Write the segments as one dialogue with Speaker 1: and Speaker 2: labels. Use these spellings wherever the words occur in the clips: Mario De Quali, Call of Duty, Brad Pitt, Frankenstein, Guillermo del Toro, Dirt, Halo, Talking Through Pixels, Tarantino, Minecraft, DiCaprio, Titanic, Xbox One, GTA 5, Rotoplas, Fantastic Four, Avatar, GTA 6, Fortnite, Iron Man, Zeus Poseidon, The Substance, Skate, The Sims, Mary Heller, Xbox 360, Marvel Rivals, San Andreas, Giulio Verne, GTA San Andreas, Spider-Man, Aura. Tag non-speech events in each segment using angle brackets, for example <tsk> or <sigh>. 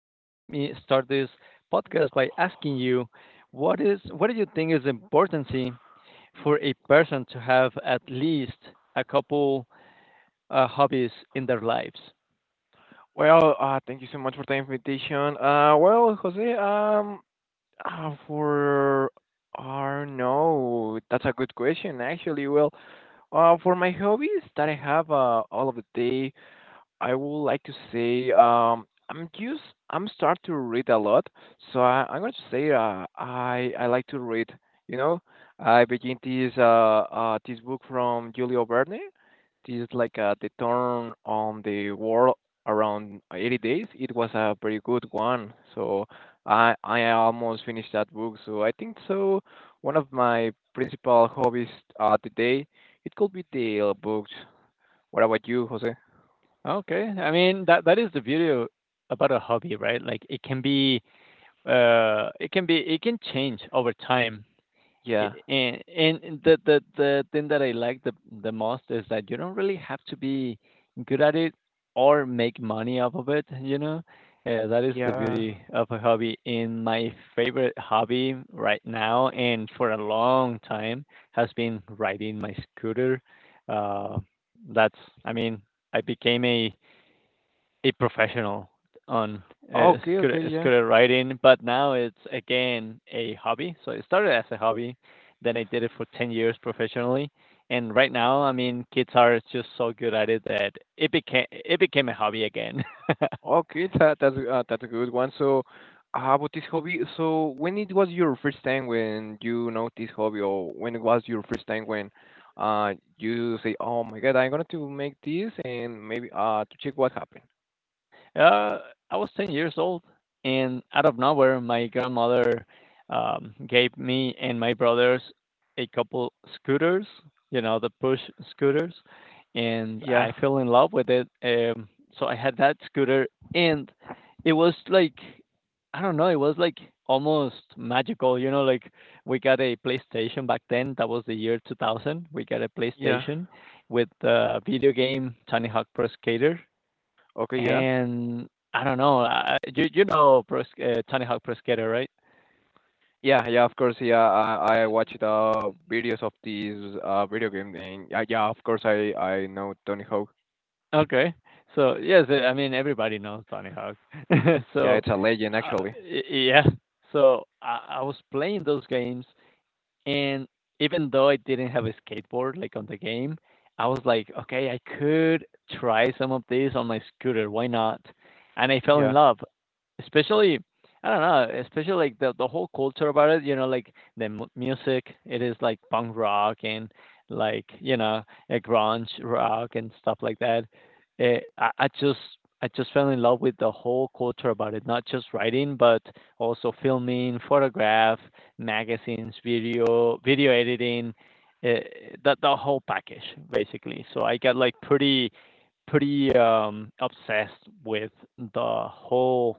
Speaker 1: Let me start this podcast by asking you, what do you think is important for a person to have at least a couple hobbies in their lives?
Speaker 2: Thank you so much for the invitation. Well, Jose, for no, that's a good question actually. For my hobbies that I have all of the day, I would like to say I'm start to read a lot, so I'm going to say I like to read. You know, I begin this book from Giulio Verne. This is like the turn on the world around 80 days. It was a very good one, so I almost finished that book. So I think so. One of my principal hobbies today it could be the books. What about you, Jose?
Speaker 1: Okay, I mean that is the beauty about a hobby, right? Like it can be, it can change over time.
Speaker 2: Yeah.
Speaker 1: And the the thing that I like the most is that you don't really have to be good at it or make money off of it, you know? That is the
Speaker 2: Yeah.
Speaker 1: beauty of a hobby. And my favorite hobby right now and for a long time has been riding my scooter. Uh, that's, I mean, I became a professional on
Speaker 2: Okay, okay, yeah.
Speaker 1: scooter riding, but now it's again a hobby. So it started as a hobby, then I did it for 10 years professionally, and right
Speaker 2: T-
Speaker 1: now, I mean, kids are just so good at it that it became a hobby again. <laughs>
Speaker 2: Okay, that's a good one. So, about this hobby, so when it was your first time when you know this hobby, or when it was your first time when you say, "Oh my God, I'm gonna to make this," and maybe to check what happened.
Speaker 1: Uh, I was 10 years old, and out of nowhere, my grandmother gave me and my brothers a couple scooters, you know, the push scooters, and
Speaker 2: Yeah,
Speaker 1: I fell in love with it. So I had that scooter, and it was like, I don't know, it was like almost magical, you know, like we got a PlayStation back then. That was the year 2000. We got a
Speaker 2: yeah.
Speaker 1: PlayStation with the video game Tony Hawk Pro Skater,
Speaker 2: Okay, yeah.
Speaker 1: and I don't know, you know pro Tony Hawk Pro Skater, right?
Speaker 2: Yeah, yeah, of course, yeah. I watched videos of these video game and yeah, yeah, of course I know Tony Hawk.
Speaker 1: Okay. So yes, I mean, everybody knows Tony Hawk. <laughs>
Speaker 2: Yeah,
Speaker 1: So,
Speaker 2: it's a legend
Speaker 1: uh,
Speaker 2: actually.
Speaker 1: y yeah. So I was playing those games. And even though I didn't have a skateboard like on the game, I was like, okay, I could try some of this on my scooter. Why not? And I fell in
Speaker 2: Yeah.
Speaker 1: love, especially, I don't know, especially like the whole culture about it. You know, like the mu music, it is like punk rock and, like, you know, a grunge rock and stuff like that. I just fell in love with the whole culture about it, not just writing, but also filming, photograph, magazines, video editing, uh, the whole package basically. So I got like pretty obsessed with the whole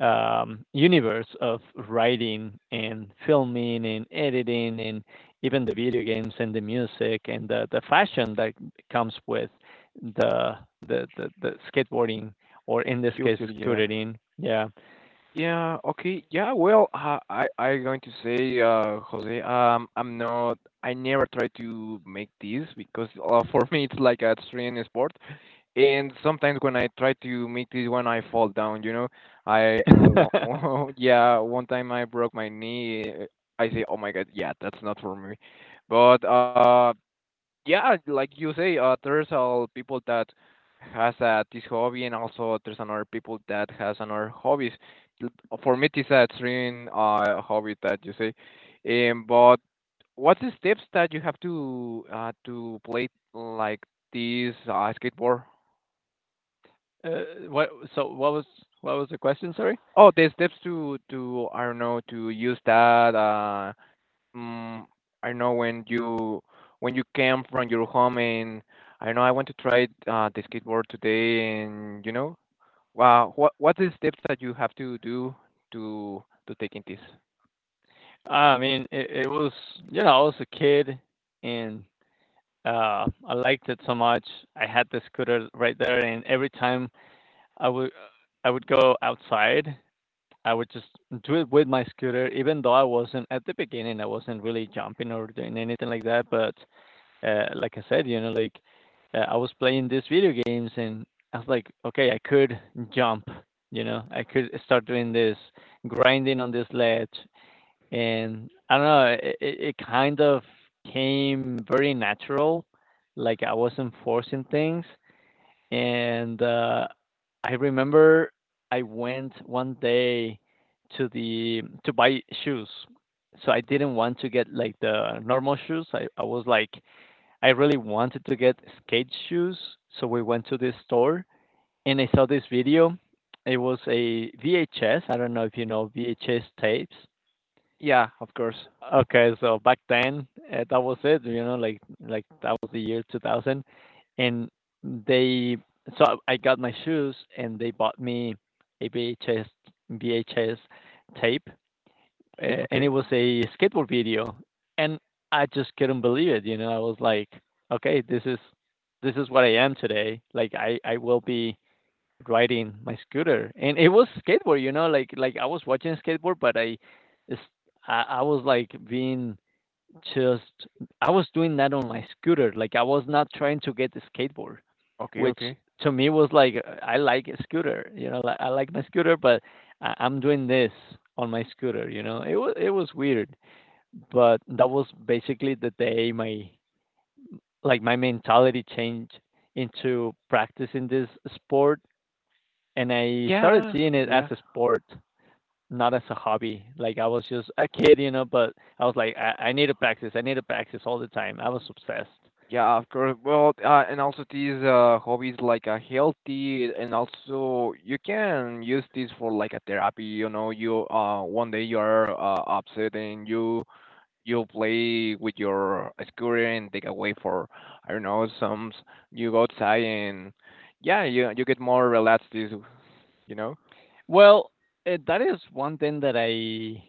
Speaker 1: universe of writing and filming and editing and even the video games and the music and the fashion that comes with the the skateboarding or in this case
Speaker 2: Culture, yeah.
Speaker 1: scooting. Yeah.
Speaker 2: Yeah, okay. Yeah, well, I going to say Jose, I never try to make this because <laughs> for me it's like a extreme sport and sometimes when I try to make this one I fall down, you know. I uh,
Speaker 1: <laughs>
Speaker 2: <laughs> yeah, one time I broke my knee. I say, "Oh my God, yeah, that's not for me." But yeah, like you say, there's people that has this hobby, and also there's another people that has another hobbies. For me, it's a extreme hobby that you say. But what's the steps that you have to play like this skateboard?
Speaker 1: Uh, what? So what was what was the question? Sorry.
Speaker 2: Oh, the steps to I don't know to use that mm, I know when you came from your home and I know I want to try the skateboard today and you know wow what is steps that you have to do to to taking this?
Speaker 1: I mean, it was, you know, I was a kid and I liked it so much. I had the scooter right there, and every time I would I would go outside, I would just do it with my scooter. Even though I wasn't at the beginning, I wasn't really jumping or doing anything like that, but like I said, you know, like I was playing these video games and I was like, okay, I could jump, you know, I could start doing this, grinding on this ledge. And I don't know, it kind of came very natural. Like I wasn't forcing things. And I remember I went one day to buy shoes. So I didn't want to get like the normal shoes. I was like I really wanted to get skate shoes, so we went to this store and I saw this video. It was a VHS. I don't know if you know VHS tapes.
Speaker 2: Yeah, of course.
Speaker 1: Okay, so back then, that was it. You know, like that was the year 2000, and they so I got my shoes and they bought me a VHS tape, and it
Speaker 2: Okay.
Speaker 1: was a skateboard video, and I just couldn't believe it. You know, I was like, okay, this is what I am today. Like I will be riding my scooter, and it was skateboard. You know, like I was watching skateboard, but it's, I was like being just I was doing that on my scooter. Like I was not trying to get the skateboard,
Speaker 2: Okay,
Speaker 1: which
Speaker 2: okay.
Speaker 1: to me was like I like a scooter, you know, like I like my scooter, but I'm doing this on my scooter, you know. It was weird, but that was basically the day my like my mentality changed into practicing this sport, and I started
Speaker 2: Yeah,
Speaker 1: seeing it as
Speaker 2: yeah.
Speaker 1: a sport, not as a hobby. Like I was just a kid, you know, but I was like I need to practice, I need to practice all the time. I was obsessed.
Speaker 2: Yeah, of course. Well, and also these hobbies like healthy, and also you can use this for like a therapy. You know, you one day you are upset and you play with your scooter and take away for I don't know some you go outside and yeah you get more relaxed is you know
Speaker 1: Well, that is one thing that I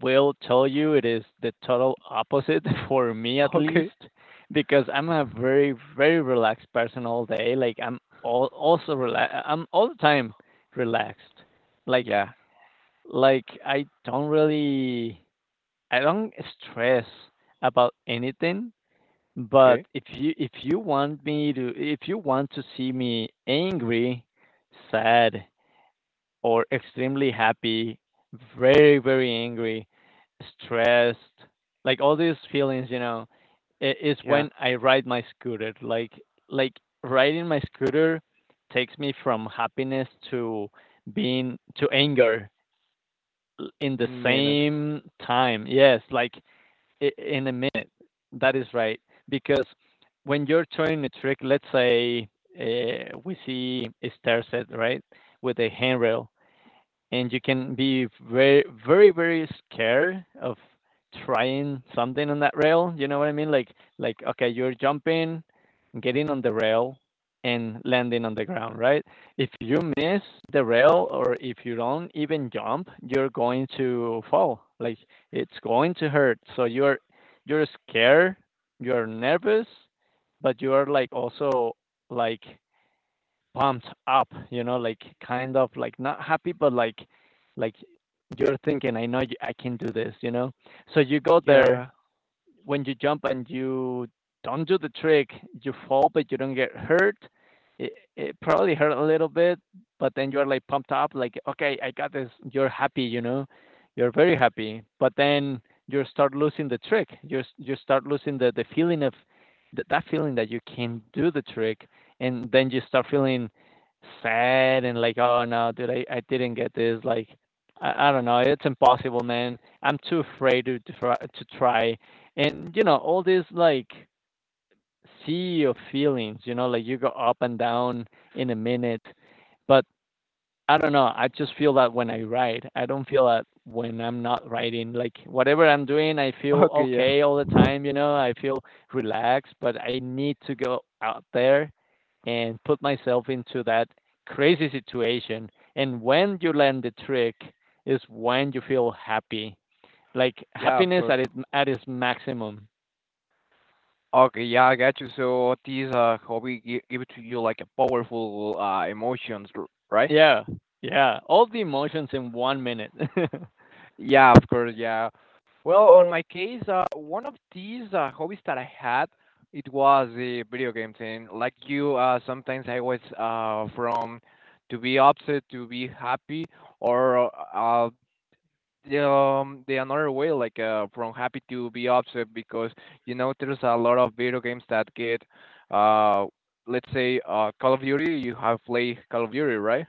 Speaker 1: will tell you. It is the total opposite <laughs> for me,
Speaker 2: <laughs>
Speaker 1: at
Speaker 2: Okay.
Speaker 1: least, because I'm a very, very relaxed person all day. Like I'm all also relax. I'm all the time relaxed. Like,
Speaker 2: Yeah.
Speaker 1: I don't really, I don't stress about anything. But
Speaker 2: Okay,
Speaker 1: if you want me to, if you want to see me angry, sad, or extremely happy, very, very angry, stressed, like all these feelings, you know, is
Speaker 2: yeah,
Speaker 1: when I ride my scooter. Like riding my scooter takes me from happiness to being to anger in the
Speaker 2: in minute.
Speaker 1: same time. Yes, like in a minute. That is right, because when you're turning a trick, let's say, we see a stair set, right, with a handrail, and you can be very scared of trying something on that rail, you know what I mean, like, okay, you're jumping, getting on the rail, and landing on the ground, right? If you miss the rail, or if you don't even jump, you're going to fall. Like it's going to hurt, so you're scared, you're nervous, but you are like also, like, pumped up, you know, like kind of like not happy, but like you're thinking, I know you, I can do this, you know. So you go there,
Speaker 2: Yeah.
Speaker 1: when you jump and you don't do the trick, you fall but you don't get hurt. It probably hurt a little bit, but then you're like pumped up, like okay, I got this. You're happy, you know, you're very happy. But then you start losing the trick. You start losing the feeling of that feeling that you can do the trick, and then you start feeling sad and like oh no, dude, I didn't get this. Like I don't know, it's impossible, man. I'm too afraid to try and, you know, all this, like, sea of feelings, you know, like, you go up and down in a minute, but I don't know, I just feel that when I write. I don't feel that when I'm not writing. Like, whatever I'm doing, I
Speaker 2: <laughs>
Speaker 1: feel
Speaker 2: Okay. Yeah,
Speaker 1: okay all the time, you know? I feel relaxed, but I need to go out there and put myself into that crazy situation, and when you land the trick is when you feel happy, like,
Speaker 2: yeah, of
Speaker 1: happiness
Speaker 2: course.
Speaker 1: at its maximum.
Speaker 2: Okay, yeah, I got you. So this hobby give, give to you like a powerful emotions, right?
Speaker 1: Yeah, yeah, all the emotions in 1 minute. <laughs>
Speaker 2: Yeah, of course. Yeah. Well, on my case, one of these hobbies that I had, it was the video game thing. Like you, sometimes I was from to be upset to be happy, or uh, the another way, like from happy to be upset, because you know there's a lot of video games that get, uh, let's say, Call of Duty. You have played Call of Duty, right?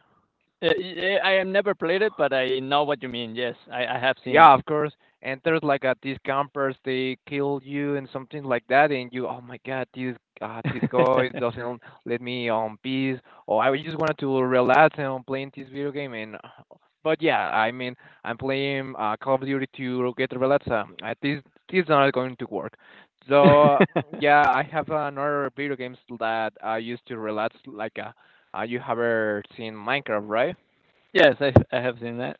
Speaker 1: I have never played it, but I know what you mean. Yes, I have seen it.
Speaker 2: Yeah, of course. And there's like these campers, they kill you and something like that, and you, oh my God, this this guy
Speaker 1: <laughs>
Speaker 2: doesn't let me on peace, or I just wanted to relax and I'm playing this video game. And but yeah, I mean, I'm playing Call of Duty to get relax. This this is not going to work. So yeah, I have another video games that I used to relax, like you have ever seen Minecraft, right?
Speaker 1: Yes, I have seen that.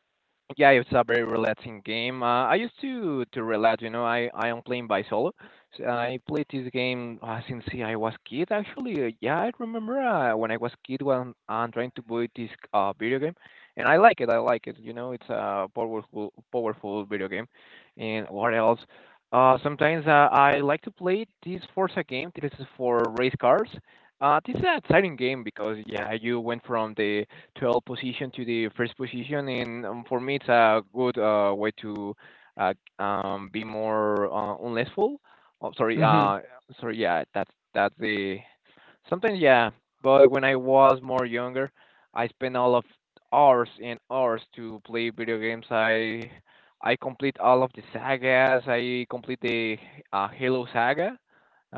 Speaker 2: Yeah, it's a very relaxing game. I used to relax, you know. I am playing by solo. So I played this game since I was kid. Actually, yeah, I remember when I was kid when I'm trying to buy this video game, and I like it. I like it. You know, it's a powerful video game. And what else? Sometimes I like to play this Forza game. This is for race cars. This is an exciting game because yeah, you went from the 12th position to the first position, and for me, it's a good way to uh, be more unlessful. Oh, sorry,
Speaker 1: Mhm.
Speaker 2: sorry, yeah, that's the sometimes, yeah. But when I was more younger, I spent all of hours and hours to play video games. I complete all of the sagas. I complete the Halo saga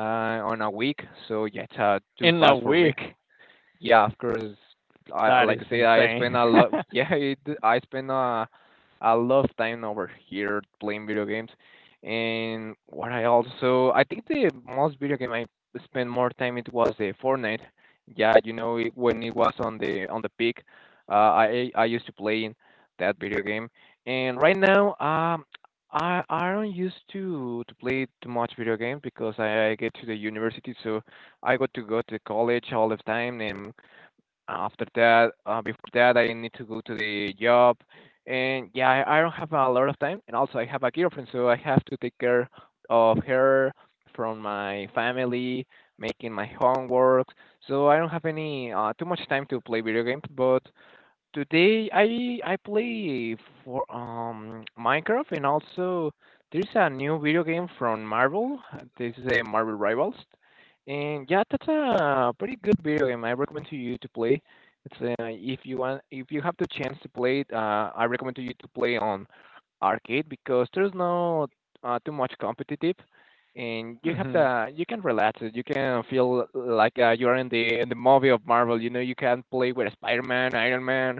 Speaker 2: on a week. So yeah, it's too
Speaker 1: In a
Speaker 2: fast for me.
Speaker 1: week,
Speaker 2: Yeah, of course.
Speaker 1: that is
Speaker 2: Like I say, I spend
Speaker 1: insane.
Speaker 2: a
Speaker 1: <laughs>
Speaker 2: lot. <laughs> Yeah, it, I spend a lot of time over here playing video games, and what I also I think the most video game I spent more time it was the Fortnite. Yeah, you know it, when it was on the peak, uh, I used to play in that video game, and right now I don't used to play too much video games because I get to the university so. I got to go to college all the time, and after that, before that, I need to go to the job, and yeah, I don't have a lot of time. And also, I have a girlfriend, so I have to take care of her, from my family, making my homework. So I don't have any too much time to play video games, but today I play for Minecraft and also there's a new video game from Marvel. This is a Marvel Rivals, and yeah, that's a pretty good video game. I recommend to you to play. It's if you want if you have the chance to play it, I recommend to you to play on arcade because there's no too much competitive and you have
Speaker 1: Mhm.
Speaker 2: the you can relax it. You can feel like you're in the movie of Marvel. You know, you can play with Spider-Man, Iron Man,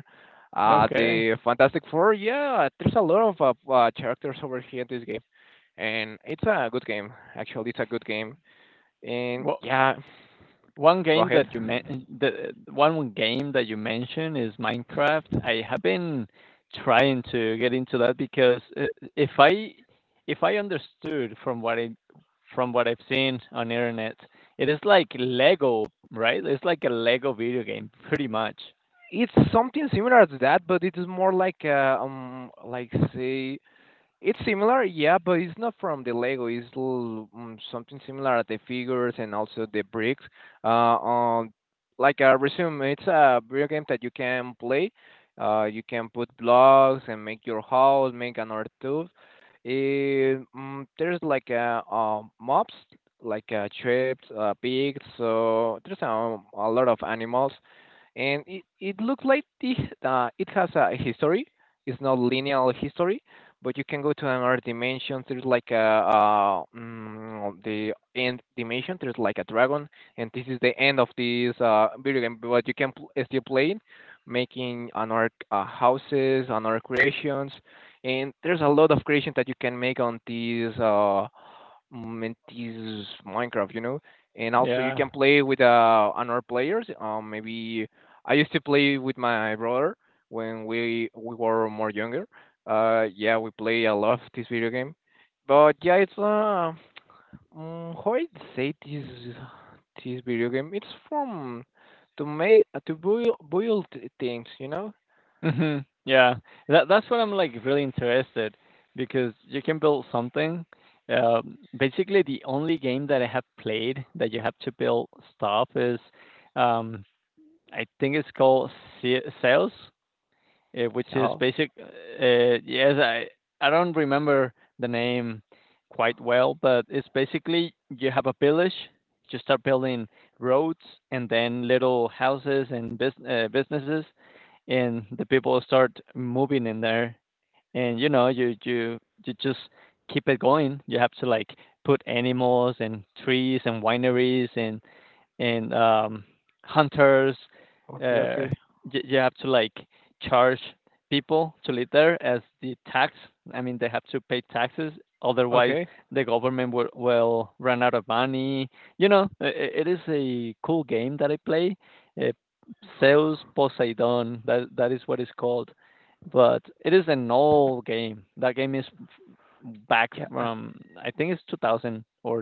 Speaker 1: Okay.
Speaker 2: the Fantastic Four. Yeah, there's a lot of characters over here in this game, and it's a good game. Actually, it's a good game, and
Speaker 1: Well,
Speaker 2: yeah,
Speaker 1: One
Speaker 2: go
Speaker 1: game
Speaker 2: ahead.
Speaker 1: that you men the one game that you mentioned is Minecraft. I have been trying to get into that because, I if I if I understood from what I from what I've seen on internet, it is like Lego, right? It's like a Lego video game, pretty much.
Speaker 2: It's something similar to that, but it is more like say it's similar, yeah, but it's not from the Lego. It's something similar at the figures and also the bricks. Uh, um, like a resume, it's a video game that you can play. You can put blocks and make your house, make another tube. There's like a, mobs, like chips, pigs. So there's a lot of animals and it looks like this, it has a history. It's not linear history, but you can go to another dimension. There's like a, the end dimension. There's like a dragon, and this is the end of this video game. But you can still play it, making another houses, another creations, and there's a lot of creations that you can make on this. Mm, it is Minecraft, you know. And also you
Speaker 1: Yeah.
Speaker 2: can play with another players. Maybe I used to play with my brother when we were more younger. Yeah, we play a lot this video game. But yeah, it's how I say this this video game. It's from to make to build things, you know.
Speaker 1: Mhm. Yeah. That that's what I'm like really interested, because you can build something. Basically, the only game that I have played that you have to build stuff is, um, I think it's called Sales, which is
Speaker 2: So
Speaker 1: basic. Yes, I don't remember the name quite well, but it's basically you have a village, you start building roads and then little houses and businesses, and the people start moving in there and you know you just keep it going. You have to like put animals and trees and wineries and, hunters.
Speaker 2: okay,
Speaker 1: Uh,
Speaker 2: okay,
Speaker 1: you have to like charge people to live there as the tax. I mean, they have to pay taxes. Otherwise,
Speaker 2: okay.
Speaker 1: the government will run out of money. You know, it is a cool game that I play. Uh, Zeus Poseidon. That is what it's called. But it is an old game. That game is back
Speaker 2: Yeah,
Speaker 1: from, I think, it's 2000 or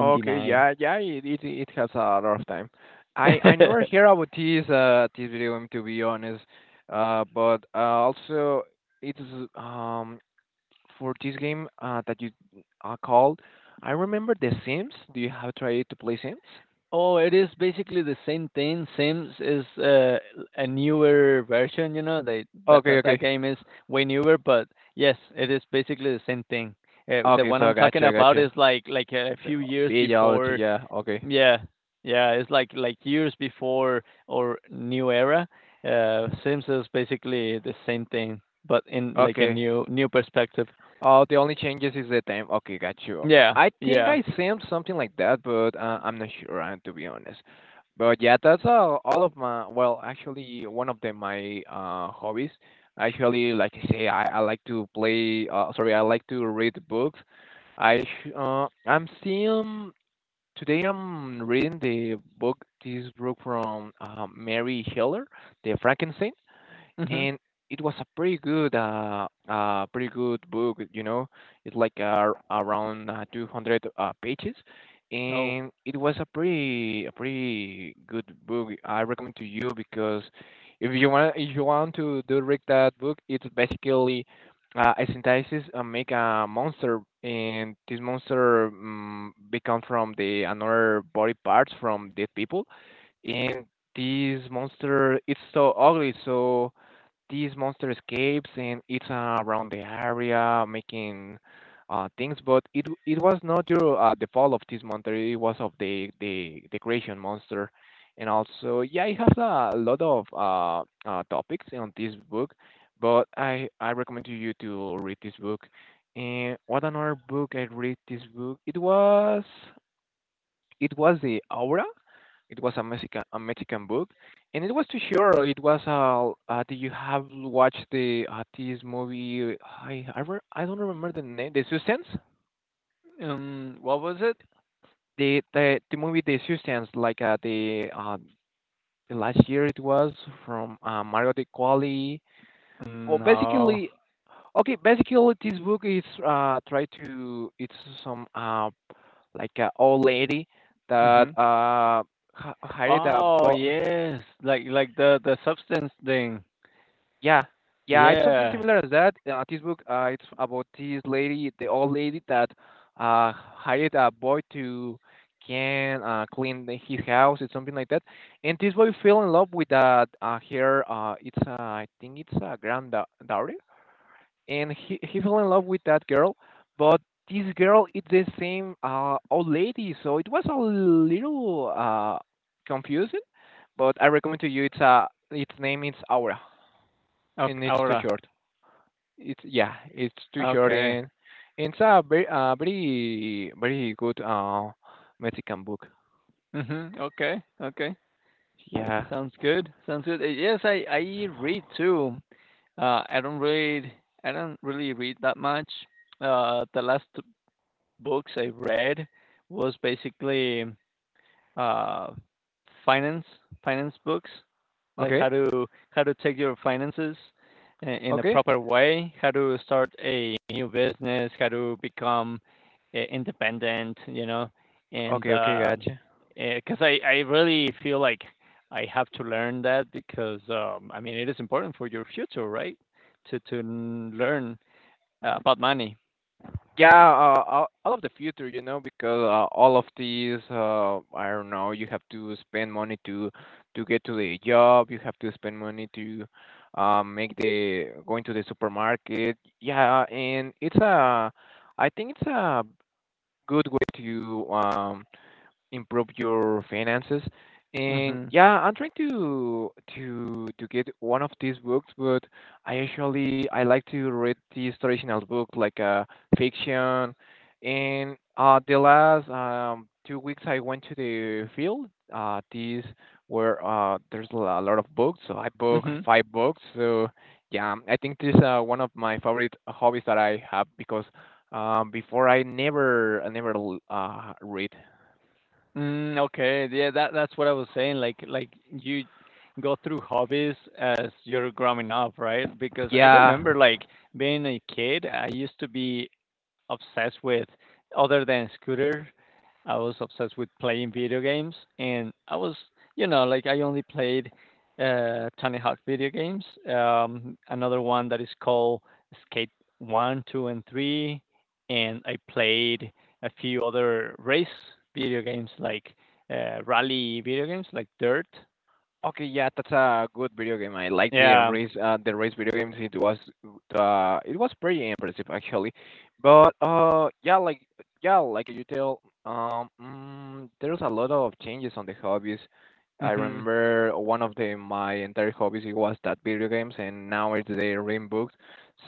Speaker 2: okay, yeah, yeah, it has a lot of time. I never hear
Speaker 1: <laughs>
Speaker 2: about this this video game to be honest. But also it's um for this game that you called. I remember The Sims. Do you have tried to play Sims?
Speaker 1: Oh, it is basically the same thing. Sims is, a newer version, you know. They that,
Speaker 2: Okay,
Speaker 1: that that
Speaker 2: okay,
Speaker 1: game is way newer, but yes, it is basically the same thing. The
Speaker 2: okay.
Speaker 1: one
Speaker 2: So
Speaker 1: I'm talking
Speaker 2: gotcha,
Speaker 1: about
Speaker 2: gotcha.
Speaker 1: is like a
Speaker 2: The-
Speaker 1: few years
Speaker 2: Village,
Speaker 1: before.
Speaker 2: yeah. Okay,
Speaker 1: Yeah, yeah, it's like years before or new era. Sims is basically the same thing, but in like a
Speaker 2: okay.
Speaker 1: new perspective.
Speaker 2: Oh, the only changes is the time. Okay, got you.
Speaker 1: Yeah,
Speaker 2: I think
Speaker 1: yeah.
Speaker 2: I sent something like that, but I'm not sure, to be honest. But yeah, that's all of my, well, actually, one of the, my hobbies. Actually, like I say, I like to play, sorry, I like to read books. I, sh- I'm seeing, Today I'm reading the book, this book from Mary Heller, The Frankenstein,
Speaker 1: Mhm.
Speaker 2: and it was a pretty good pretty good book. It's like around 200 pages,
Speaker 1: Oh,
Speaker 2: and it was a pretty good book. I recommend to you because if you want to do read that book. It's basically a synthesis make a monster, and this monster become from the another body parts from dead people. And this monster it's so ugly, so these monster escapes and it's around the area making things. But it was not your the fall of this monster. It was of the the creation monster, and also, yeah, it has a lot of topics on this book. But I recommend to you to read this book. And what another book I read this book? It was, it was the Aura. It was a Mexican book, and it was too sure. It was did you have watched the this movie? I I don't remember the name. The Substance.
Speaker 1: what was it?
Speaker 2: The the movie The Substance, like the last year it was from Mario De Quali.
Speaker 1: Mm,
Speaker 2: Well,
Speaker 1: no.
Speaker 2: basically, okay, basically this book is try to it's some like a old lady that
Speaker 1: Mhm.
Speaker 2: hired a
Speaker 1: Oh,
Speaker 2: bo.
Speaker 1: yes, like the substance thing.
Speaker 2: Yeah, yeah, it's something
Speaker 1: Yeah.
Speaker 2: similar as that. This book, it's about this lady, the old lady that hired a boy to can clean the, his house. It's something like that. And this boy fell in love with that her. It's I think it's a granddaughter, and he fell in love with that girl, but. This girl is the same old lady, so it was a little confusing. But I recommend to you. It's its name is Aura,
Speaker 1: Ok
Speaker 2: and it's too
Speaker 1: Aura.
Speaker 2: short. It's, yeah, it's too short.
Speaker 1: Okay.
Speaker 2: And it's a very very very good Mexican book.
Speaker 1: Mhm. Okay, okay.
Speaker 2: Yeah.
Speaker 1: Sounds good, sounds good. Yes, I read too. Uh, I don't read I don't really read that much. The last books I read was basically uh, finance finance books, like
Speaker 2: Okay.
Speaker 1: how to take your finances in a
Speaker 2: Okay.
Speaker 1: proper way, how to start a new business, how to become independent, you know, and
Speaker 2: Okay. Okay. Gotcha.
Speaker 1: because I really feel like I have to learn that because I mean it is important for your future, right? To learn about money.
Speaker 2: Yeah. All of the future, you know, because all of these, I don't know, you have to spend money to get to the job. You have to spend money to make the going to the supermarket. Yeah, and it's a, I think it's a good way to improve your finances. And
Speaker 1: Mhm.
Speaker 2: yeah, I'm trying to to get one of these books, but I usually I like to read these traditional books like fiction. And the last 2 weeks I went to the field. These were there's a lot of books, so I booked
Speaker 1: Mhm.
Speaker 2: 5 books. So yeah, I think this is one of my favorite hobbies that I have because before I never read.
Speaker 1: Mm, okay. Yeah, that's what I was saying. Like you go through hobbies as you're growing up, right? Because I
Speaker 2: Yeah.
Speaker 1: remember like being a kid, I used to be obsessed with other than scooter. I was obsessed with playing video games, and I was, you know, like I only played Tony Hawk video games. Another one that is called Skate One, Two, and Three, and I played a few other race video games like rally video games like Dirt.
Speaker 2: Okay, yeah, that's a good video game. I like
Speaker 1: Yeah.
Speaker 2: the race video games. It was pretty impressive actually. But yeah, like you tell, there's a lot of changes on the hobbies. I
Speaker 1: Mhm.
Speaker 2: remember one of the my entire hobbies it was that video games, and now it's the reading books.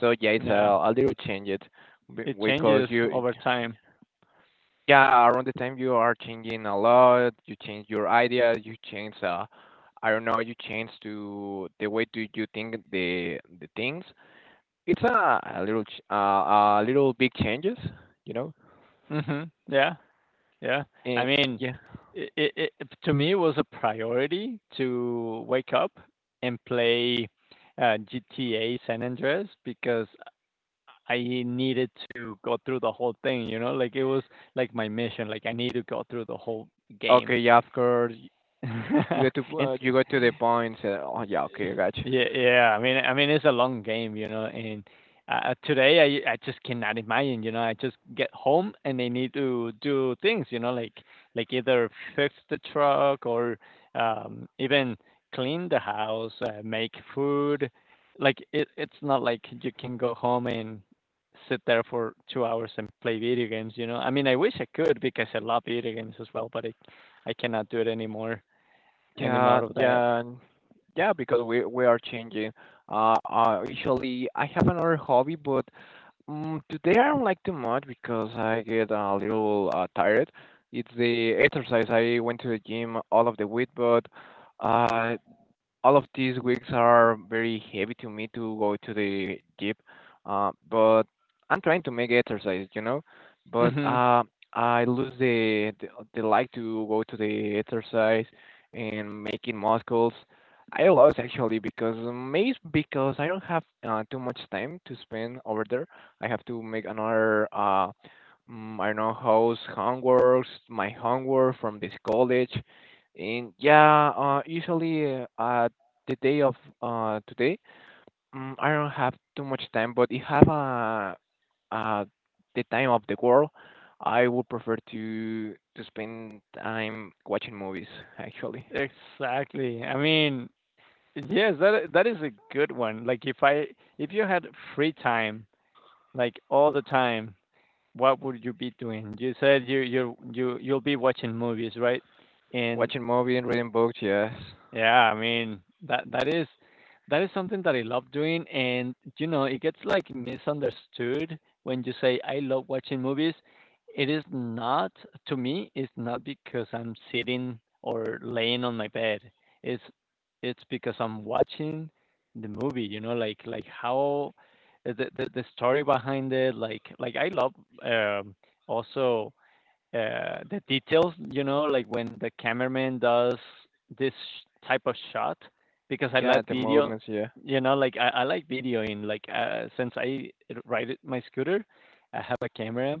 Speaker 2: So yeah, it's
Speaker 1: Yeah.
Speaker 2: a little change it
Speaker 1: It
Speaker 2: because
Speaker 1: changes
Speaker 2: you.
Speaker 1: over time.
Speaker 2: Yeah, around the time you are changing a lot, you change your ideas, you change I don't know, you change to the way do you think the things. It's a little ch- A little big changes, you know.
Speaker 1: Mhm. Yeah. Yeah. I
Speaker 2: Eh,
Speaker 1: mean,
Speaker 2: yeah.
Speaker 1: it, it, it to me it was a priority to wake up and play uh, GTA San Andreas because I needed to go through the whole thing, you know? Like it was like my mission, like I need to go through the whole game.
Speaker 2: Okay, yeah, of course. You
Speaker 1: <laughs> and
Speaker 2: you get to the point. Oh yeah, okay, I got you.
Speaker 1: yeah, yeah. I mean, it's a long game, you know, and, today I just cannot imagine, you know, I just get home and I need to do things, you know, like either fix the truck or, even clean the house, make food. Like, it's not like you can go home and sit there for 2 hours and play video games, you know? I mean, I wish I could because I love video games as well, but I cannot do it anymore any
Speaker 2: Yeah,
Speaker 1: more of that.
Speaker 2: yeah, and- yeah. Because we are changing. Usually I have another hobby, but today I don't like too much because I get a little tired. It's the exercise. I went to the gym all of the week, but uh, all of these weeks are very heavy to me to go to the gym, but I'm trying to make exercise, you know. But
Speaker 1: Mhm.
Speaker 2: I lose the like to go to the exercise and making muscles. I lost actually because maybe it's because I don't have too much time to spend over there. I have to make another I don't know house homeworks, my homework from this college. And yeah, usually the day of today, I don't have too much time, but if I have a uh the time of the world, I would prefer to spend time watching movies actually.
Speaker 1: Exactly. I mean, yes, that is a good one. Like if you had free time, like all the time, what would you be doing? You said you'll be watching movies, right? And
Speaker 2: Watching movies and reading books, yes.
Speaker 1: yeah, I mean that that is that is something that I love doing, and you know it gets like misunderstood when you say I love watching movies. It is not to me. It's not because I'm sitting or laying on my bed. It's it's because I'm watching the movie. You know, like how the story behind it. Like I love um, also the details, you know, like when the cameraman does this type of shot, because I
Speaker 2: Yeah, at
Speaker 1: like
Speaker 2: the
Speaker 1: video,
Speaker 2: moments, yeah.
Speaker 1: you know, like I like videoing. Like since I ride my scooter, I have a camera,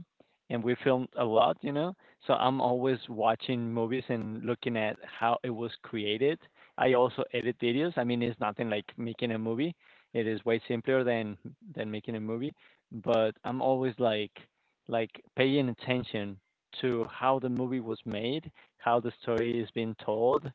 Speaker 1: and we filmed a lot, you know. So I'm always watching movies and looking at how it was created. I also edit videos. I mean, it's nothing like making a movie. It is way simpler than making a movie, but I'm always like like paying attention to how the movie was made, how the story is being told,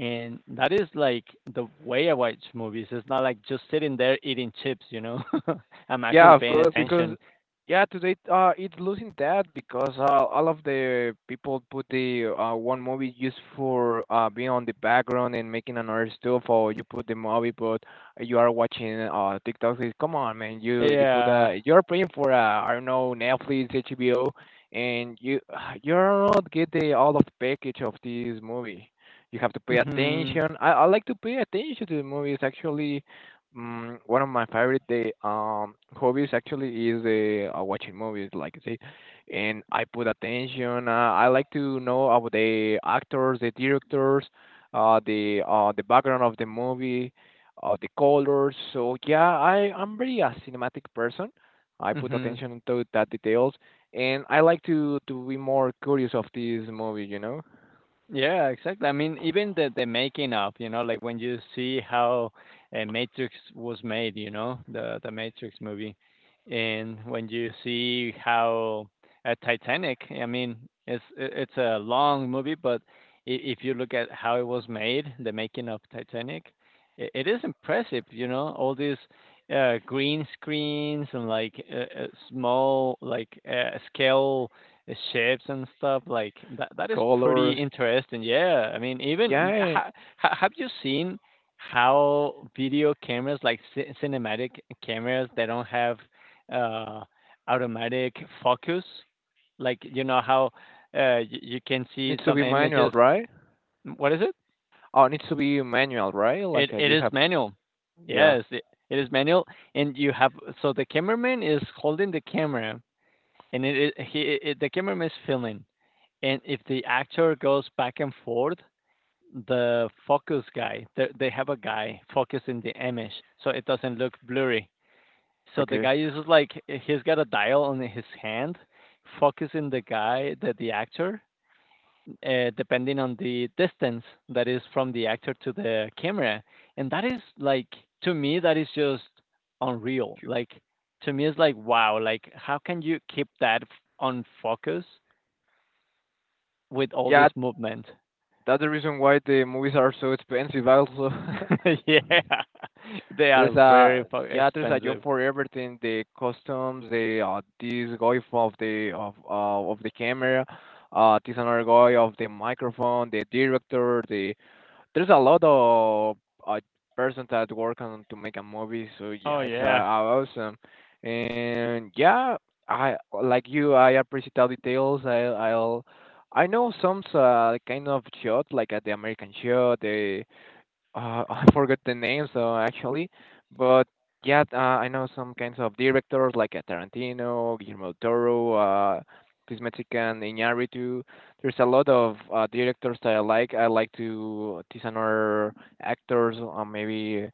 Speaker 1: and that is like the way I watch movies. It's not like just sitting there eating chips, you know. <laughs> I'm
Speaker 2: Yeah,
Speaker 1: actually
Speaker 2: of
Speaker 1: paying
Speaker 2: course, because
Speaker 1: attention.
Speaker 2: yeah, today it's losing that because all of the people put the one movie just for being on the background and making another stuff, or you put the movie, but you are watching TikTok. Says, come on, man, you put
Speaker 1: Yeah.
Speaker 2: a you're paying for I don't know Netflix, HBO, and you <sighs> you're not get the all of package of this movie. You have to pay
Speaker 1: Mhm.
Speaker 2: attention. I like to pay attention to the movies actually. One of my favorite day hobbies actually is watching movies, like I say, and I put attention. I like to know about the actors, the directors, the background of the movie, the colors. So yeah, I I'm very a cinematic person. I put
Speaker 1: Mhm.
Speaker 2: attention to that details, and I like to be more curious of this movie. You know,
Speaker 1: Yeah, exactly. I mean, even the making of, you know, like when you see how Matrix was made, you know, the Matrix movie, and when you see how Titanic, I mean, it's a long movie, but if you look at how it was made, the making of Titanic, I it is impressive, you know, all these green screens and like small like scale shapes and stuff like that
Speaker 2: the
Speaker 1: that is pretty
Speaker 2: colors.
Speaker 1: interesting. Yeah, I mean even
Speaker 2: Yeah,
Speaker 1: have you seen how video cameras like cinematic cameras they don't have uh automatic focus? Like, you know how you can see
Speaker 2: needs to
Speaker 1: some
Speaker 2: be manual,
Speaker 1: images,
Speaker 2: right?
Speaker 1: what is it,
Speaker 2: Oh, it needs to be manual, right?
Speaker 1: it
Speaker 2: Like,
Speaker 1: it
Speaker 2: you
Speaker 1: is
Speaker 2: have
Speaker 1: manual.
Speaker 2: yeah,
Speaker 1: Yes, it is manual, and you have so the cameraman is holding the camera, and the cameraman is filming. And if the actor goes back and forth, the focus guy, they have a guy focusing the image so it doesn't look blurry. So the
Speaker 2: okay.
Speaker 1: guy uses like he's got a dial on his hand, focusing the guy, the actor, depending on the distance that is from the actor to the camera, and that is like, to me, that is just unreal.
Speaker 2: You-
Speaker 1: Like, to me, it's like, wow, like how can you keep that on focus with all
Speaker 2: Yeah,
Speaker 1: this movement?
Speaker 2: that's the reason why the movies are so expensive also. <laughs>
Speaker 1: <laughs> Yeah. They are
Speaker 2: There's
Speaker 1: very
Speaker 2: a
Speaker 1: fu
Speaker 2: yeah, there's a job
Speaker 1: expensive.
Speaker 2: for everything, the costumes, the this guy of the of the camera, this another guy of the microphone, the director, the. There's a lot of uh, person that work on to make a movie, so yeah,
Speaker 1: Oh,
Speaker 2: it's
Speaker 1: yeah.
Speaker 2: awesome. And yeah, I like you. I appreciate all details. I'll I know some kind of shot like the American shot, the <laughs> I forgot the names actually, but yeah, I know some kinds of directors like Tarantino, Guillermo del Toro, this Mexican Iñárritu. There's a lot of directors that I like. I like to these other actors. Maybe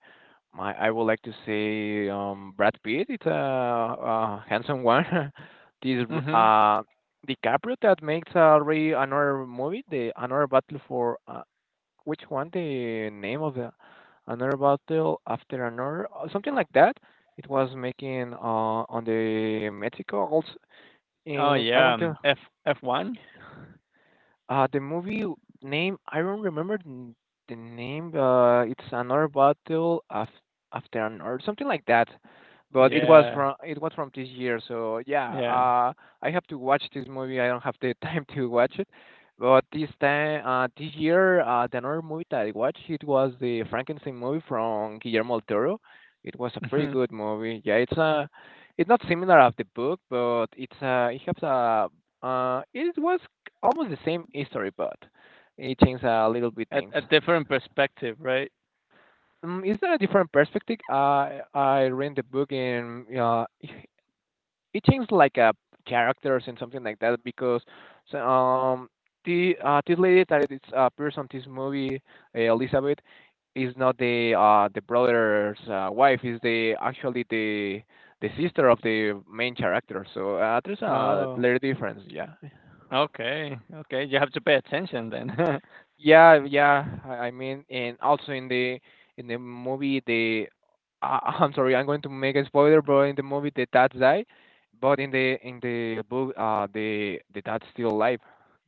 Speaker 2: my I would like to say Brad Pitt. It's a handsome one. <laughs> This
Speaker 1: Mhm.
Speaker 2: r- uh, DiCaprio that makes already another movie, the another Battle for which one the name of the another battle after another or something like that. It was making on the mexico also,
Speaker 1: Oh,
Speaker 2: and I
Speaker 1: yeah,
Speaker 2: want to
Speaker 1: F F1?
Speaker 2: the movie name, I don't remember the name. It's another battle af after an or something like that. But it was
Speaker 1: Yeah,
Speaker 2: from, it was from this year, so yeah.
Speaker 1: yeah.
Speaker 2: I have to watch this movie. I don't have the <laughs> time to watch it. But this time, this year, the another movie that I watched it was the Frankenstein movie from Guillermo del Toro. It was a pretty
Speaker 1: Mhm.
Speaker 2: good movie. Yeah, it's a, it's not similar of the book, but it's it has a it was almost the same history, but it changed a little bit
Speaker 1: A
Speaker 2: things.
Speaker 1: a different perspective, right?
Speaker 2: Is that a different perspective? I read the book and <laughs> it changed like characters and something like that because so, the this lady that is appears person, this movie, Elizabeth, is not the the brother's wife, is the actually the sister of the main character, so there's a
Speaker 1: Oh,
Speaker 2: little difference, yeah.
Speaker 1: okay, okay. You have to pay attention then. <laughs>
Speaker 2: Yeah, yeah. I mean, and also in the movie, the <laughs> I'm sorry, I'm going to make a spoiler, but in the movie, the dad die, but in the book, the dad's still alive.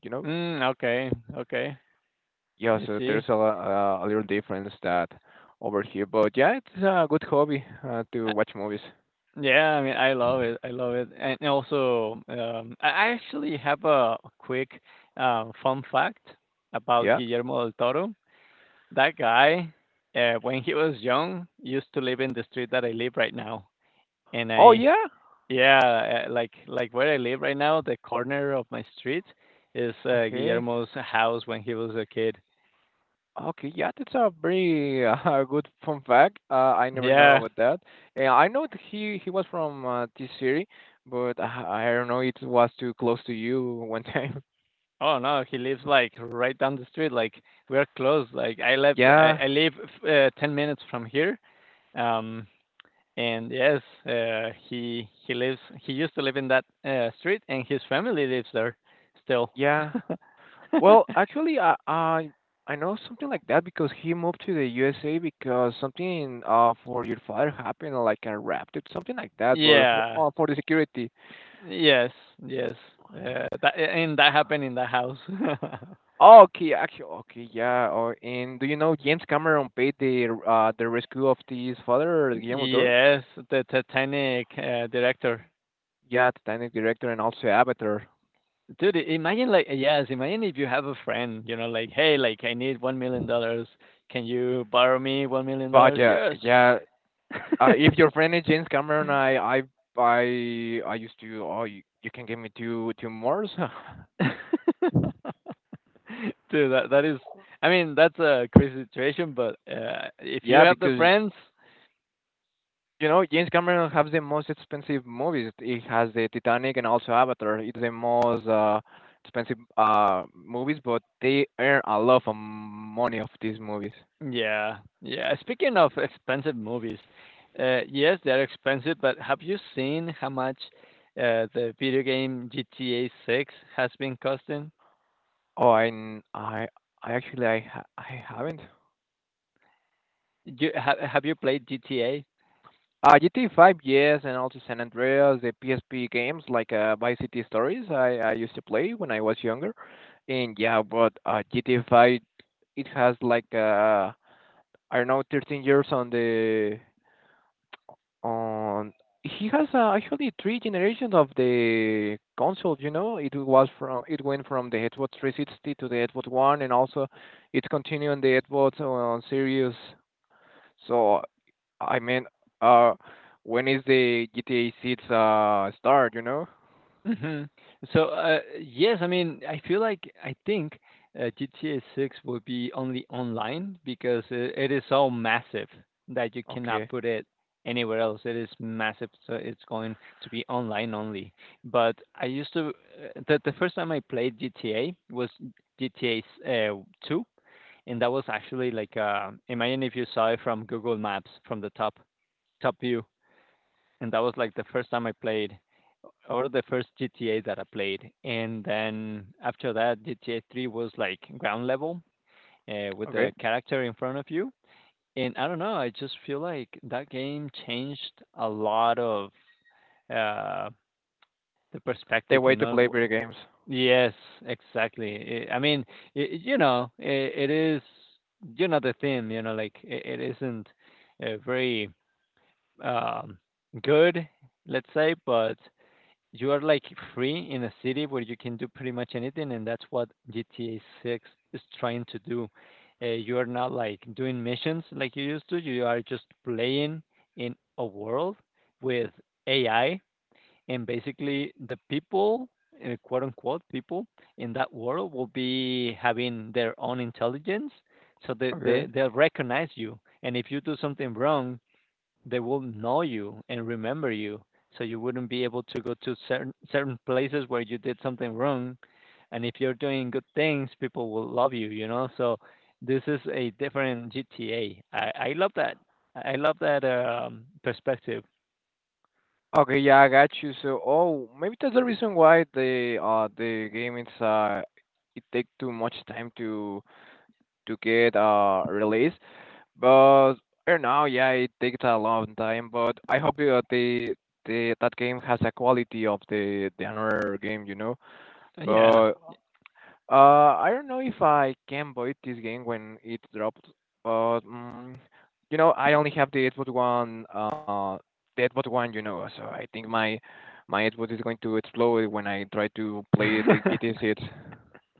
Speaker 2: You know?
Speaker 1: Mm, okay, okay.
Speaker 2: Yeah.
Speaker 1: I
Speaker 2: So
Speaker 1: see.
Speaker 2: there's a little difference that over here, but yeah, it's a good hobby to
Speaker 1: Uh,
Speaker 2: watch movies.
Speaker 1: yeah, I mean, I love it. I love it. And also, I actually have a quick, fun fact about
Speaker 2: Yeah.
Speaker 1: Guillermo del Toro. That guy, when he was young, used to live in the street that I live right now, and
Speaker 2: Oh
Speaker 1: I,
Speaker 2: yeah.
Speaker 1: yeah, uh, like like where I live right now, the corner of my street is
Speaker 2: Okay.
Speaker 1: Guillermo's house when he was a kid.
Speaker 2: Okay, yeah, that's a very <laughs> good fun fact. I never know
Speaker 1: Yeah.
Speaker 2: about that. And I know that he was from this city, but I don't know it was too close to you one time. <laughs>
Speaker 1: Oh, no, he lives like right down the street. Like, we're close. Like, I live, I,
Speaker 2: Yeah,
Speaker 1: I live 10 minutes from here. Um, and yes, he lives. He used to live in that street, and his family lives there still.
Speaker 2: yeah. Well,
Speaker 1: <laughs>
Speaker 2: actually, I know something like that because he moved to the USA because something for your father happened, like a raft, it's something like that, but
Speaker 1: Yeah.
Speaker 2: for the security.
Speaker 1: Yes, yes. And that happened in the house. <laughs>
Speaker 2: Oh, okay, actually, okay, yeah. Or and do you know James Cameron paid the rescue of his father, Guillermo del Toro?
Speaker 1: Yes, the Titanic director.
Speaker 2: Yeah, Titanic director and also Avatar.
Speaker 1: Dude, yes, imagine if you have a friend, you know, like, hey, like, I need $1 million. Can you borrow me one million
Speaker 2: But
Speaker 1: dollars?
Speaker 2: yeah,
Speaker 1: Yes.
Speaker 2: yeah.
Speaker 1: <laughs>
Speaker 2: If your friend is James Cameron, I I used to. Oh, you can give me two more.
Speaker 1: Dude, that that is I mean, that's a crazy situation, but
Speaker 2: <laughs>
Speaker 1: if you
Speaker 2: Yeah,
Speaker 1: have the
Speaker 2: because
Speaker 1: friends.
Speaker 2: you know James Cameron has the most expensive movies. He has the Titanic and also Avatar. It's the most expensive movies, but they earn a lot of money of these movies.
Speaker 1: Yeah, yeah. Speaking of expensive movies, yes, they're expensive, but have you seen how much the video game GTA 6 has been costing?
Speaker 2: Oh, and I actually, I haven't.
Speaker 1: You, ha have you played GTA?
Speaker 2: GTA 5, yes, and also San Andreas, the PSP games like Vice City Stories. I used to play when I was younger, and yeah, but GTA 5, it has like I don't know, 13 years on the on. He has actually three generations of the console. You know, it was from it went from the Xbox 360 to the Xbox One, and also it continued on the Xbox Series. So I mean, uh, when is the GTA 6 start, you know?
Speaker 1: Mhm. So, yes, I mean, I feel like I think GTA 6 will be only online because it is so massive that you cannot
Speaker 2: Okay.
Speaker 1: put it anywhere else. It is massive, so it's going to be online only. But I used to, the first time I played GTA was GTA uh, 2, and that was actually like, imagine if you saw it from Google Maps from the top view, and that was like the first time I played or the first GTA that I played, and then after that, GTA 3 was like ground level with
Speaker 2: Okay.
Speaker 1: the character in front of you. And I don't know, I just feel like that game changed a lot of uh, the
Speaker 2: The
Speaker 1: perspective, you
Speaker 2: way to play
Speaker 1: know.
Speaker 2: video games.
Speaker 1: Yes, exactly. I mean, I you know, I- it is, you know, the theme, you know, like it isn't very um, good, let's say, but you are like free in a city where you can do pretty much anything, and that's what GTA 6 is trying to do. You are not like doing missions like you used to. You are just playing in a world with AI, and basically the people, quote unquote, people in that world will be having their own intelligence, so they, they
Speaker 2: Okay.
Speaker 1: they'll recognize you. And if you do something wrong, they will know you and remember you. So you wouldn't be able to go to certain places where you did something wrong. And if you're doing good things, people will love you, you know. So this is a different GTA. I love that. I love that perspective.
Speaker 2: Okay, yeah, I got you. So, oh, maybe that's the reason why the game is it take too much time to get released. But right now, yeah, it takes a long time. But I hope the that game has a quality of the another game, you know.
Speaker 1: Yeah.
Speaker 2: But uh, I don't know if I can buy this game when it dropped, but mm, you know, I only have the Xbox One, you know, so I think my Xbox is going to explode when I try to play the GTA
Speaker 1: <laughs>
Speaker 2: 6.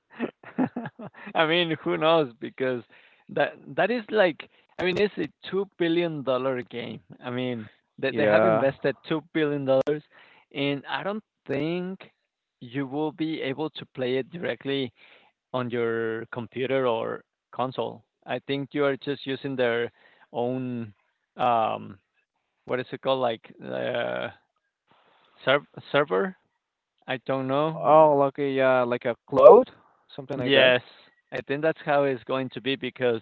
Speaker 1: <laughs> I mean, who knows? Because that is like, I mean, it's a $2 billion game. I mean, they have
Speaker 2: Yeah.
Speaker 1: invested $2 billion, and I don't think you will be able to play it directly on your computer or console. I think you are just using their own um, what is it called? Like serv- server? I don't know.
Speaker 2: Oh, okay, yeah, like a cloud, something like that.
Speaker 1: Yes, I think that's how it's going to be because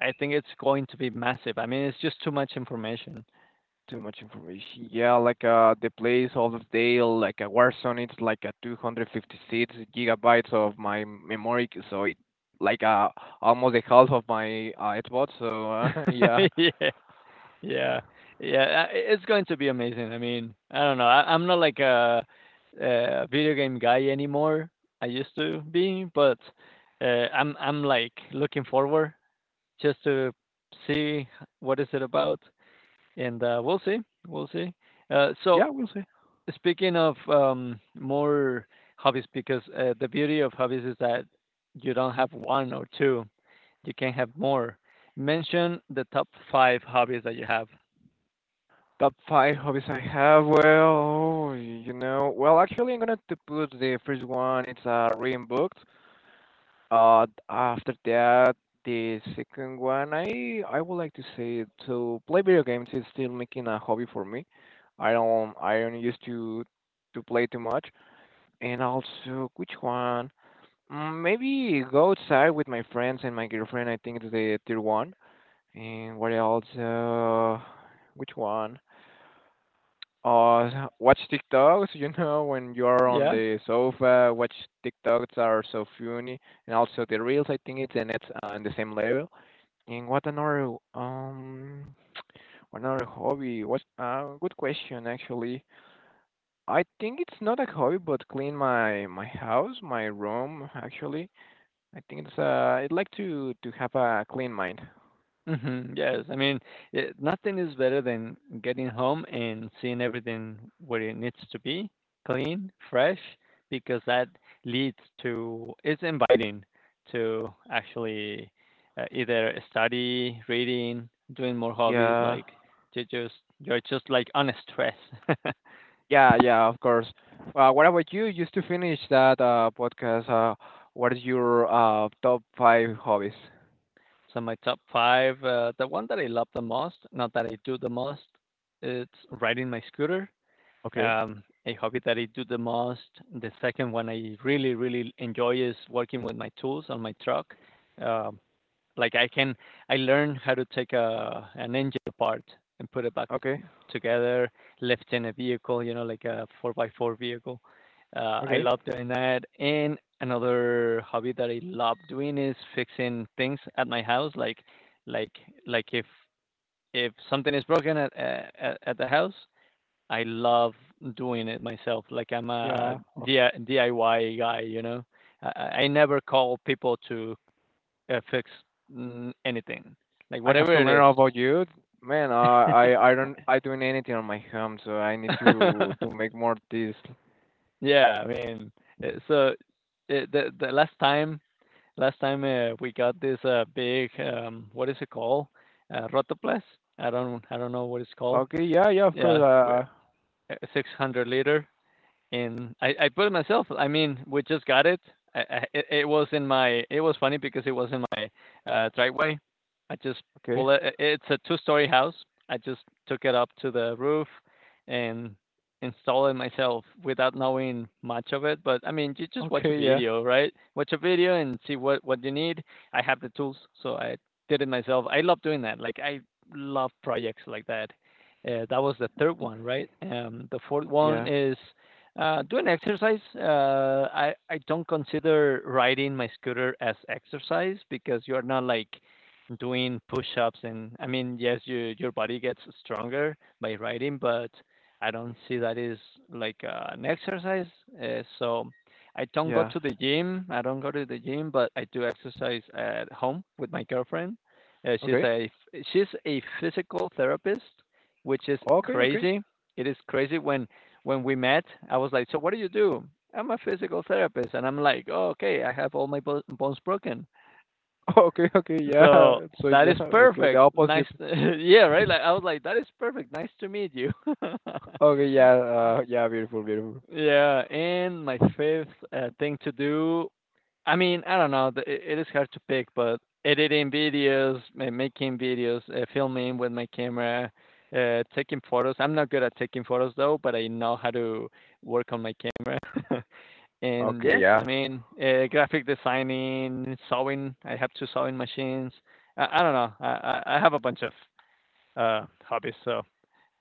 Speaker 1: I think it's going to be massive. I mean, it's just too much information.
Speaker 2: Too much information. Yeah, like the place of Dale, like a Warzone, it's like a 256 gigabytes of my memory, so it like almost the half of my Xbox. So <laughs> yeah,
Speaker 1: <laughs> Yeah, yeah, yeah, it's going to be amazing. I mean, I don't know. I'm not like a video game guy anymore. I used to be, but, I'm, like, looking forward just to see what is it about, and, we'll see, we'll see. So
Speaker 2: yeah, we'll see.
Speaker 1: speaking of, more hobbies because, the beauty of hobbies is that you don't have 1 or 2. You can have more. Mention the top 5 hobbies that you have.
Speaker 2: Top five hobbies I have. Well, you know, well actually I'm gonna to put the first one. It's reading books. After that, the second one, I would like to say to play video games is still making a hobby for me. I don't used to play too much. And also, which one? Mm, maybe go outside with my friends and my girlfriend. I think it's the third one. And what else? Which one? Watch TikToks, you know, when you're on
Speaker 1: Yeah.
Speaker 2: the sofa, watch TikToks are so funny, and also the reels. I think it's and it's on the same level. And what another <tsk> what another hobby? What good question actually. I think it's not a hobby, but clean my house, my room actually. I think it's I'd like to have a clean mind.
Speaker 1: Hmm, yes. I mean, nothing is better than getting home and seeing everything where it needs to be, clean, fresh, because that leads to, it's inviting to actually either study, reading, doing more hobbies,
Speaker 2: Yeah.
Speaker 1: like to just, you're just like on a stress. <laughs>
Speaker 2: Yeah, yeah, of course. Well, what about you? Just to finish that podcast, what is your top five hobbies?
Speaker 1: So my top 5, the one that I love the most, not that I do the most, it's riding my scooter.
Speaker 2: Okay.
Speaker 1: A hobby that I do the most. The second one I really, really enjoy is working with my tools on my truck. Um, like I can, I learn how to take a an engine apart and put it back
Speaker 2: Okay,
Speaker 1: together, lift in a vehicle, you know, like a 4x4 vehicle. I
Speaker 2: okay.
Speaker 1: love doing that. And another hobby that I love doing is fixing things at my house. Like, like if something is broken at the house, I love doing it myself. Like I'm a
Speaker 2: Yeah, o-
Speaker 1: DIY guy, you know. I never call people to affects anything, like
Speaker 2: I have
Speaker 1: whatever
Speaker 2: to
Speaker 1: it is.
Speaker 2: learn about you. Man, I don't I doing anything on my home, so I need to
Speaker 1: <laughs>
Speaker 2: make more this.
Speaker 1: Yeah, I mean, uh, so uh, the last time we got this big what is it called? Rotoplas. I don't know what it's called.
Speaker 2: Okay, yeah, yeah, of
Speaker 1: Yeah,
Speaker 2: course.
Speaker 1: we- a 600 liter. And I put it myself. I mean, we just got it. It it was in my. It was funny because it was in my driveway. I just
Speaker 2: Okay,
Speaker 1: pull it. It's a 2-story house. I just took it up to the roof and installed it myself without knowing much of it. But I mean, you just watch a
Speaker 2: okay, yeah,
Speaker 1: video, right? Watch a video and see what you need. I have the tools, so I did it myself. I love doing that. Like I love projects like that. That was the third one, right? The fourth one
Speaker 2: yeah,
Speaker 1: is do an exercise, I don't consider riding my scooter as exercise because you are not like doing push-ups and I mean, yes, you, your body gets stronger by riding, but I don't see that is like an exercise. So I don't go
Speaker 2: yeah.
Speaker 1: to the gym. I don't go to the gym, but I do exercise at home with my girlfriend. Uh, she's
Speaker 2: Okay,
Speaker 1: a she's a physical therapist, which is
Speaker 2: okay, okay,
Speaker 1: crazy. It is crazy when we met, I was like, "So what do you do?" I'm a physical therapist, and I'm like, oh, "Okay, I have all my bones broken."
Speaker 2: <laughs> okay, okay. Yeah. <laughs>
Speaker 1: So
Speaker 2: So
Speaker 1: that
Speaker 2: the,
Speaker 1: is
Speaker 2: okay, the
Speaker 1: perfect. Nice,
Speaker 2: opposite.
Speaker 1: <laughs> yeah, right. Like I was like, "That is perfect. Nice to meet you." <laughs>
Speaker 2: Okay, yeah, yeah, beautiful, beautiful.
Speaker 1: Yeah, and my fifth thing to do. I mean, I don't know. It is hard to pick, but editing videos, making videos, filming with my camera. Taking photos. I'm not good at taking photos though, but I know how to work on my camera. <laughs> And
Speaker 2: Okay,
Speaker 1: yes,
Speaker 2: yeah.
Speaker 1: I mean, graphic designing, sewing. I have 2 sewing machines. I don't know. I have a bunch of hobbies. So,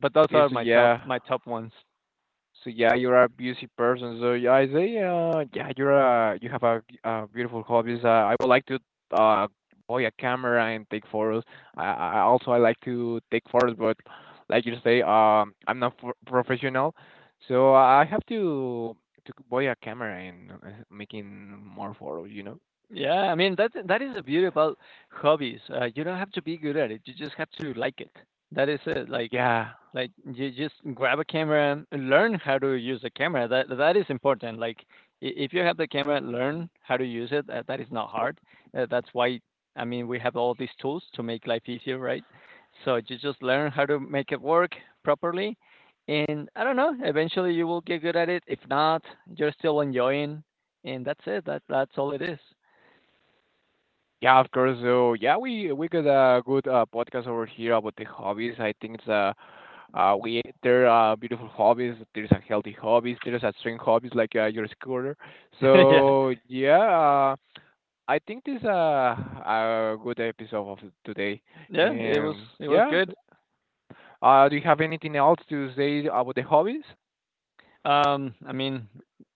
Speaker 1: but those
Speaker 2: Okay,
Speaker 1: are
Speaker 2: so yeah,
Speaker 1: my top ones.
Speaker 2: so yeah, you're a busy person. So yeah, I say, yeah, you're a you have a, beautiful hobbies. I would like to uh buy a camera and take photos. I also I like to take photos, but like you say, I'm not for professional, so I have to buy a camera and making more photos. You know?
Speaker 1: Yeah, I mean that is the beauty about hobbies. You don't have to be good at it. You just have to like it. That is it.
Speaker 2: Yeah.
Speaker 1: Like you just grab a camera and learn how to use a camera. That is important. Like if you have the camera, learn how to use it. That is not hard. That's why I mean we have all these tools to make life easier, right? So you just learn how to make it work properly. And I don't know, eventually you will get good at it. If not, you're still enjoying and that's it. That's all it is.
Speaker 2: Yeah, of course. So yeah, we got a good podcast over here about the hobbies. I think it's we there are beautiful hobbies. There's a healthy hobbies. There's a strange hobbies like your scooter.
Speaker 1: <laughs> Yeah.
Speaker 2: So yeah, I think this is a good episode of today.
Speaker 1: Yeah,
Speaker 2: And
Speaker 1: it was
Speaker 2: yeah,
Speaker 1: good.
Speaker 2: do you have anything else to say about the hobbies?
Speaker 1: I mean,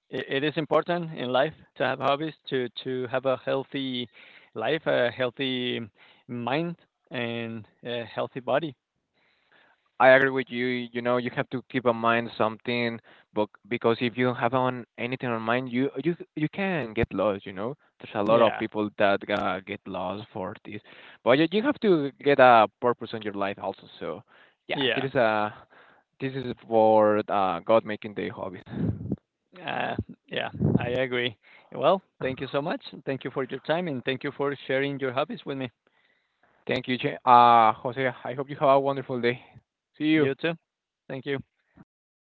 Speaker 1: it is important in life to have hobbies, to have a healthy life, a healthy mind, and a healthy body.
Speaker 2: I agree with you. You know, you have to keep in mind something, but because if you have on anything on mind, you can get lost. You know, there's a lot of
Speaker 1: Yeah.
Speaker 2: people that get lost for this, but you have to get a purpose on your life also. So, yeah,
Speaker 1: Yeah.
Speaker 2: there is a this is for God making the hobbies.
Speaker 1: Uh, yeah, I agree. Well, thank you so much. Thank you for your time, and thank you for sharing your hobbies with me.
Speaker 2: Thank you, Jose. I hope you have a wonderful day. See you.
Speaker 1: You too. Thank you.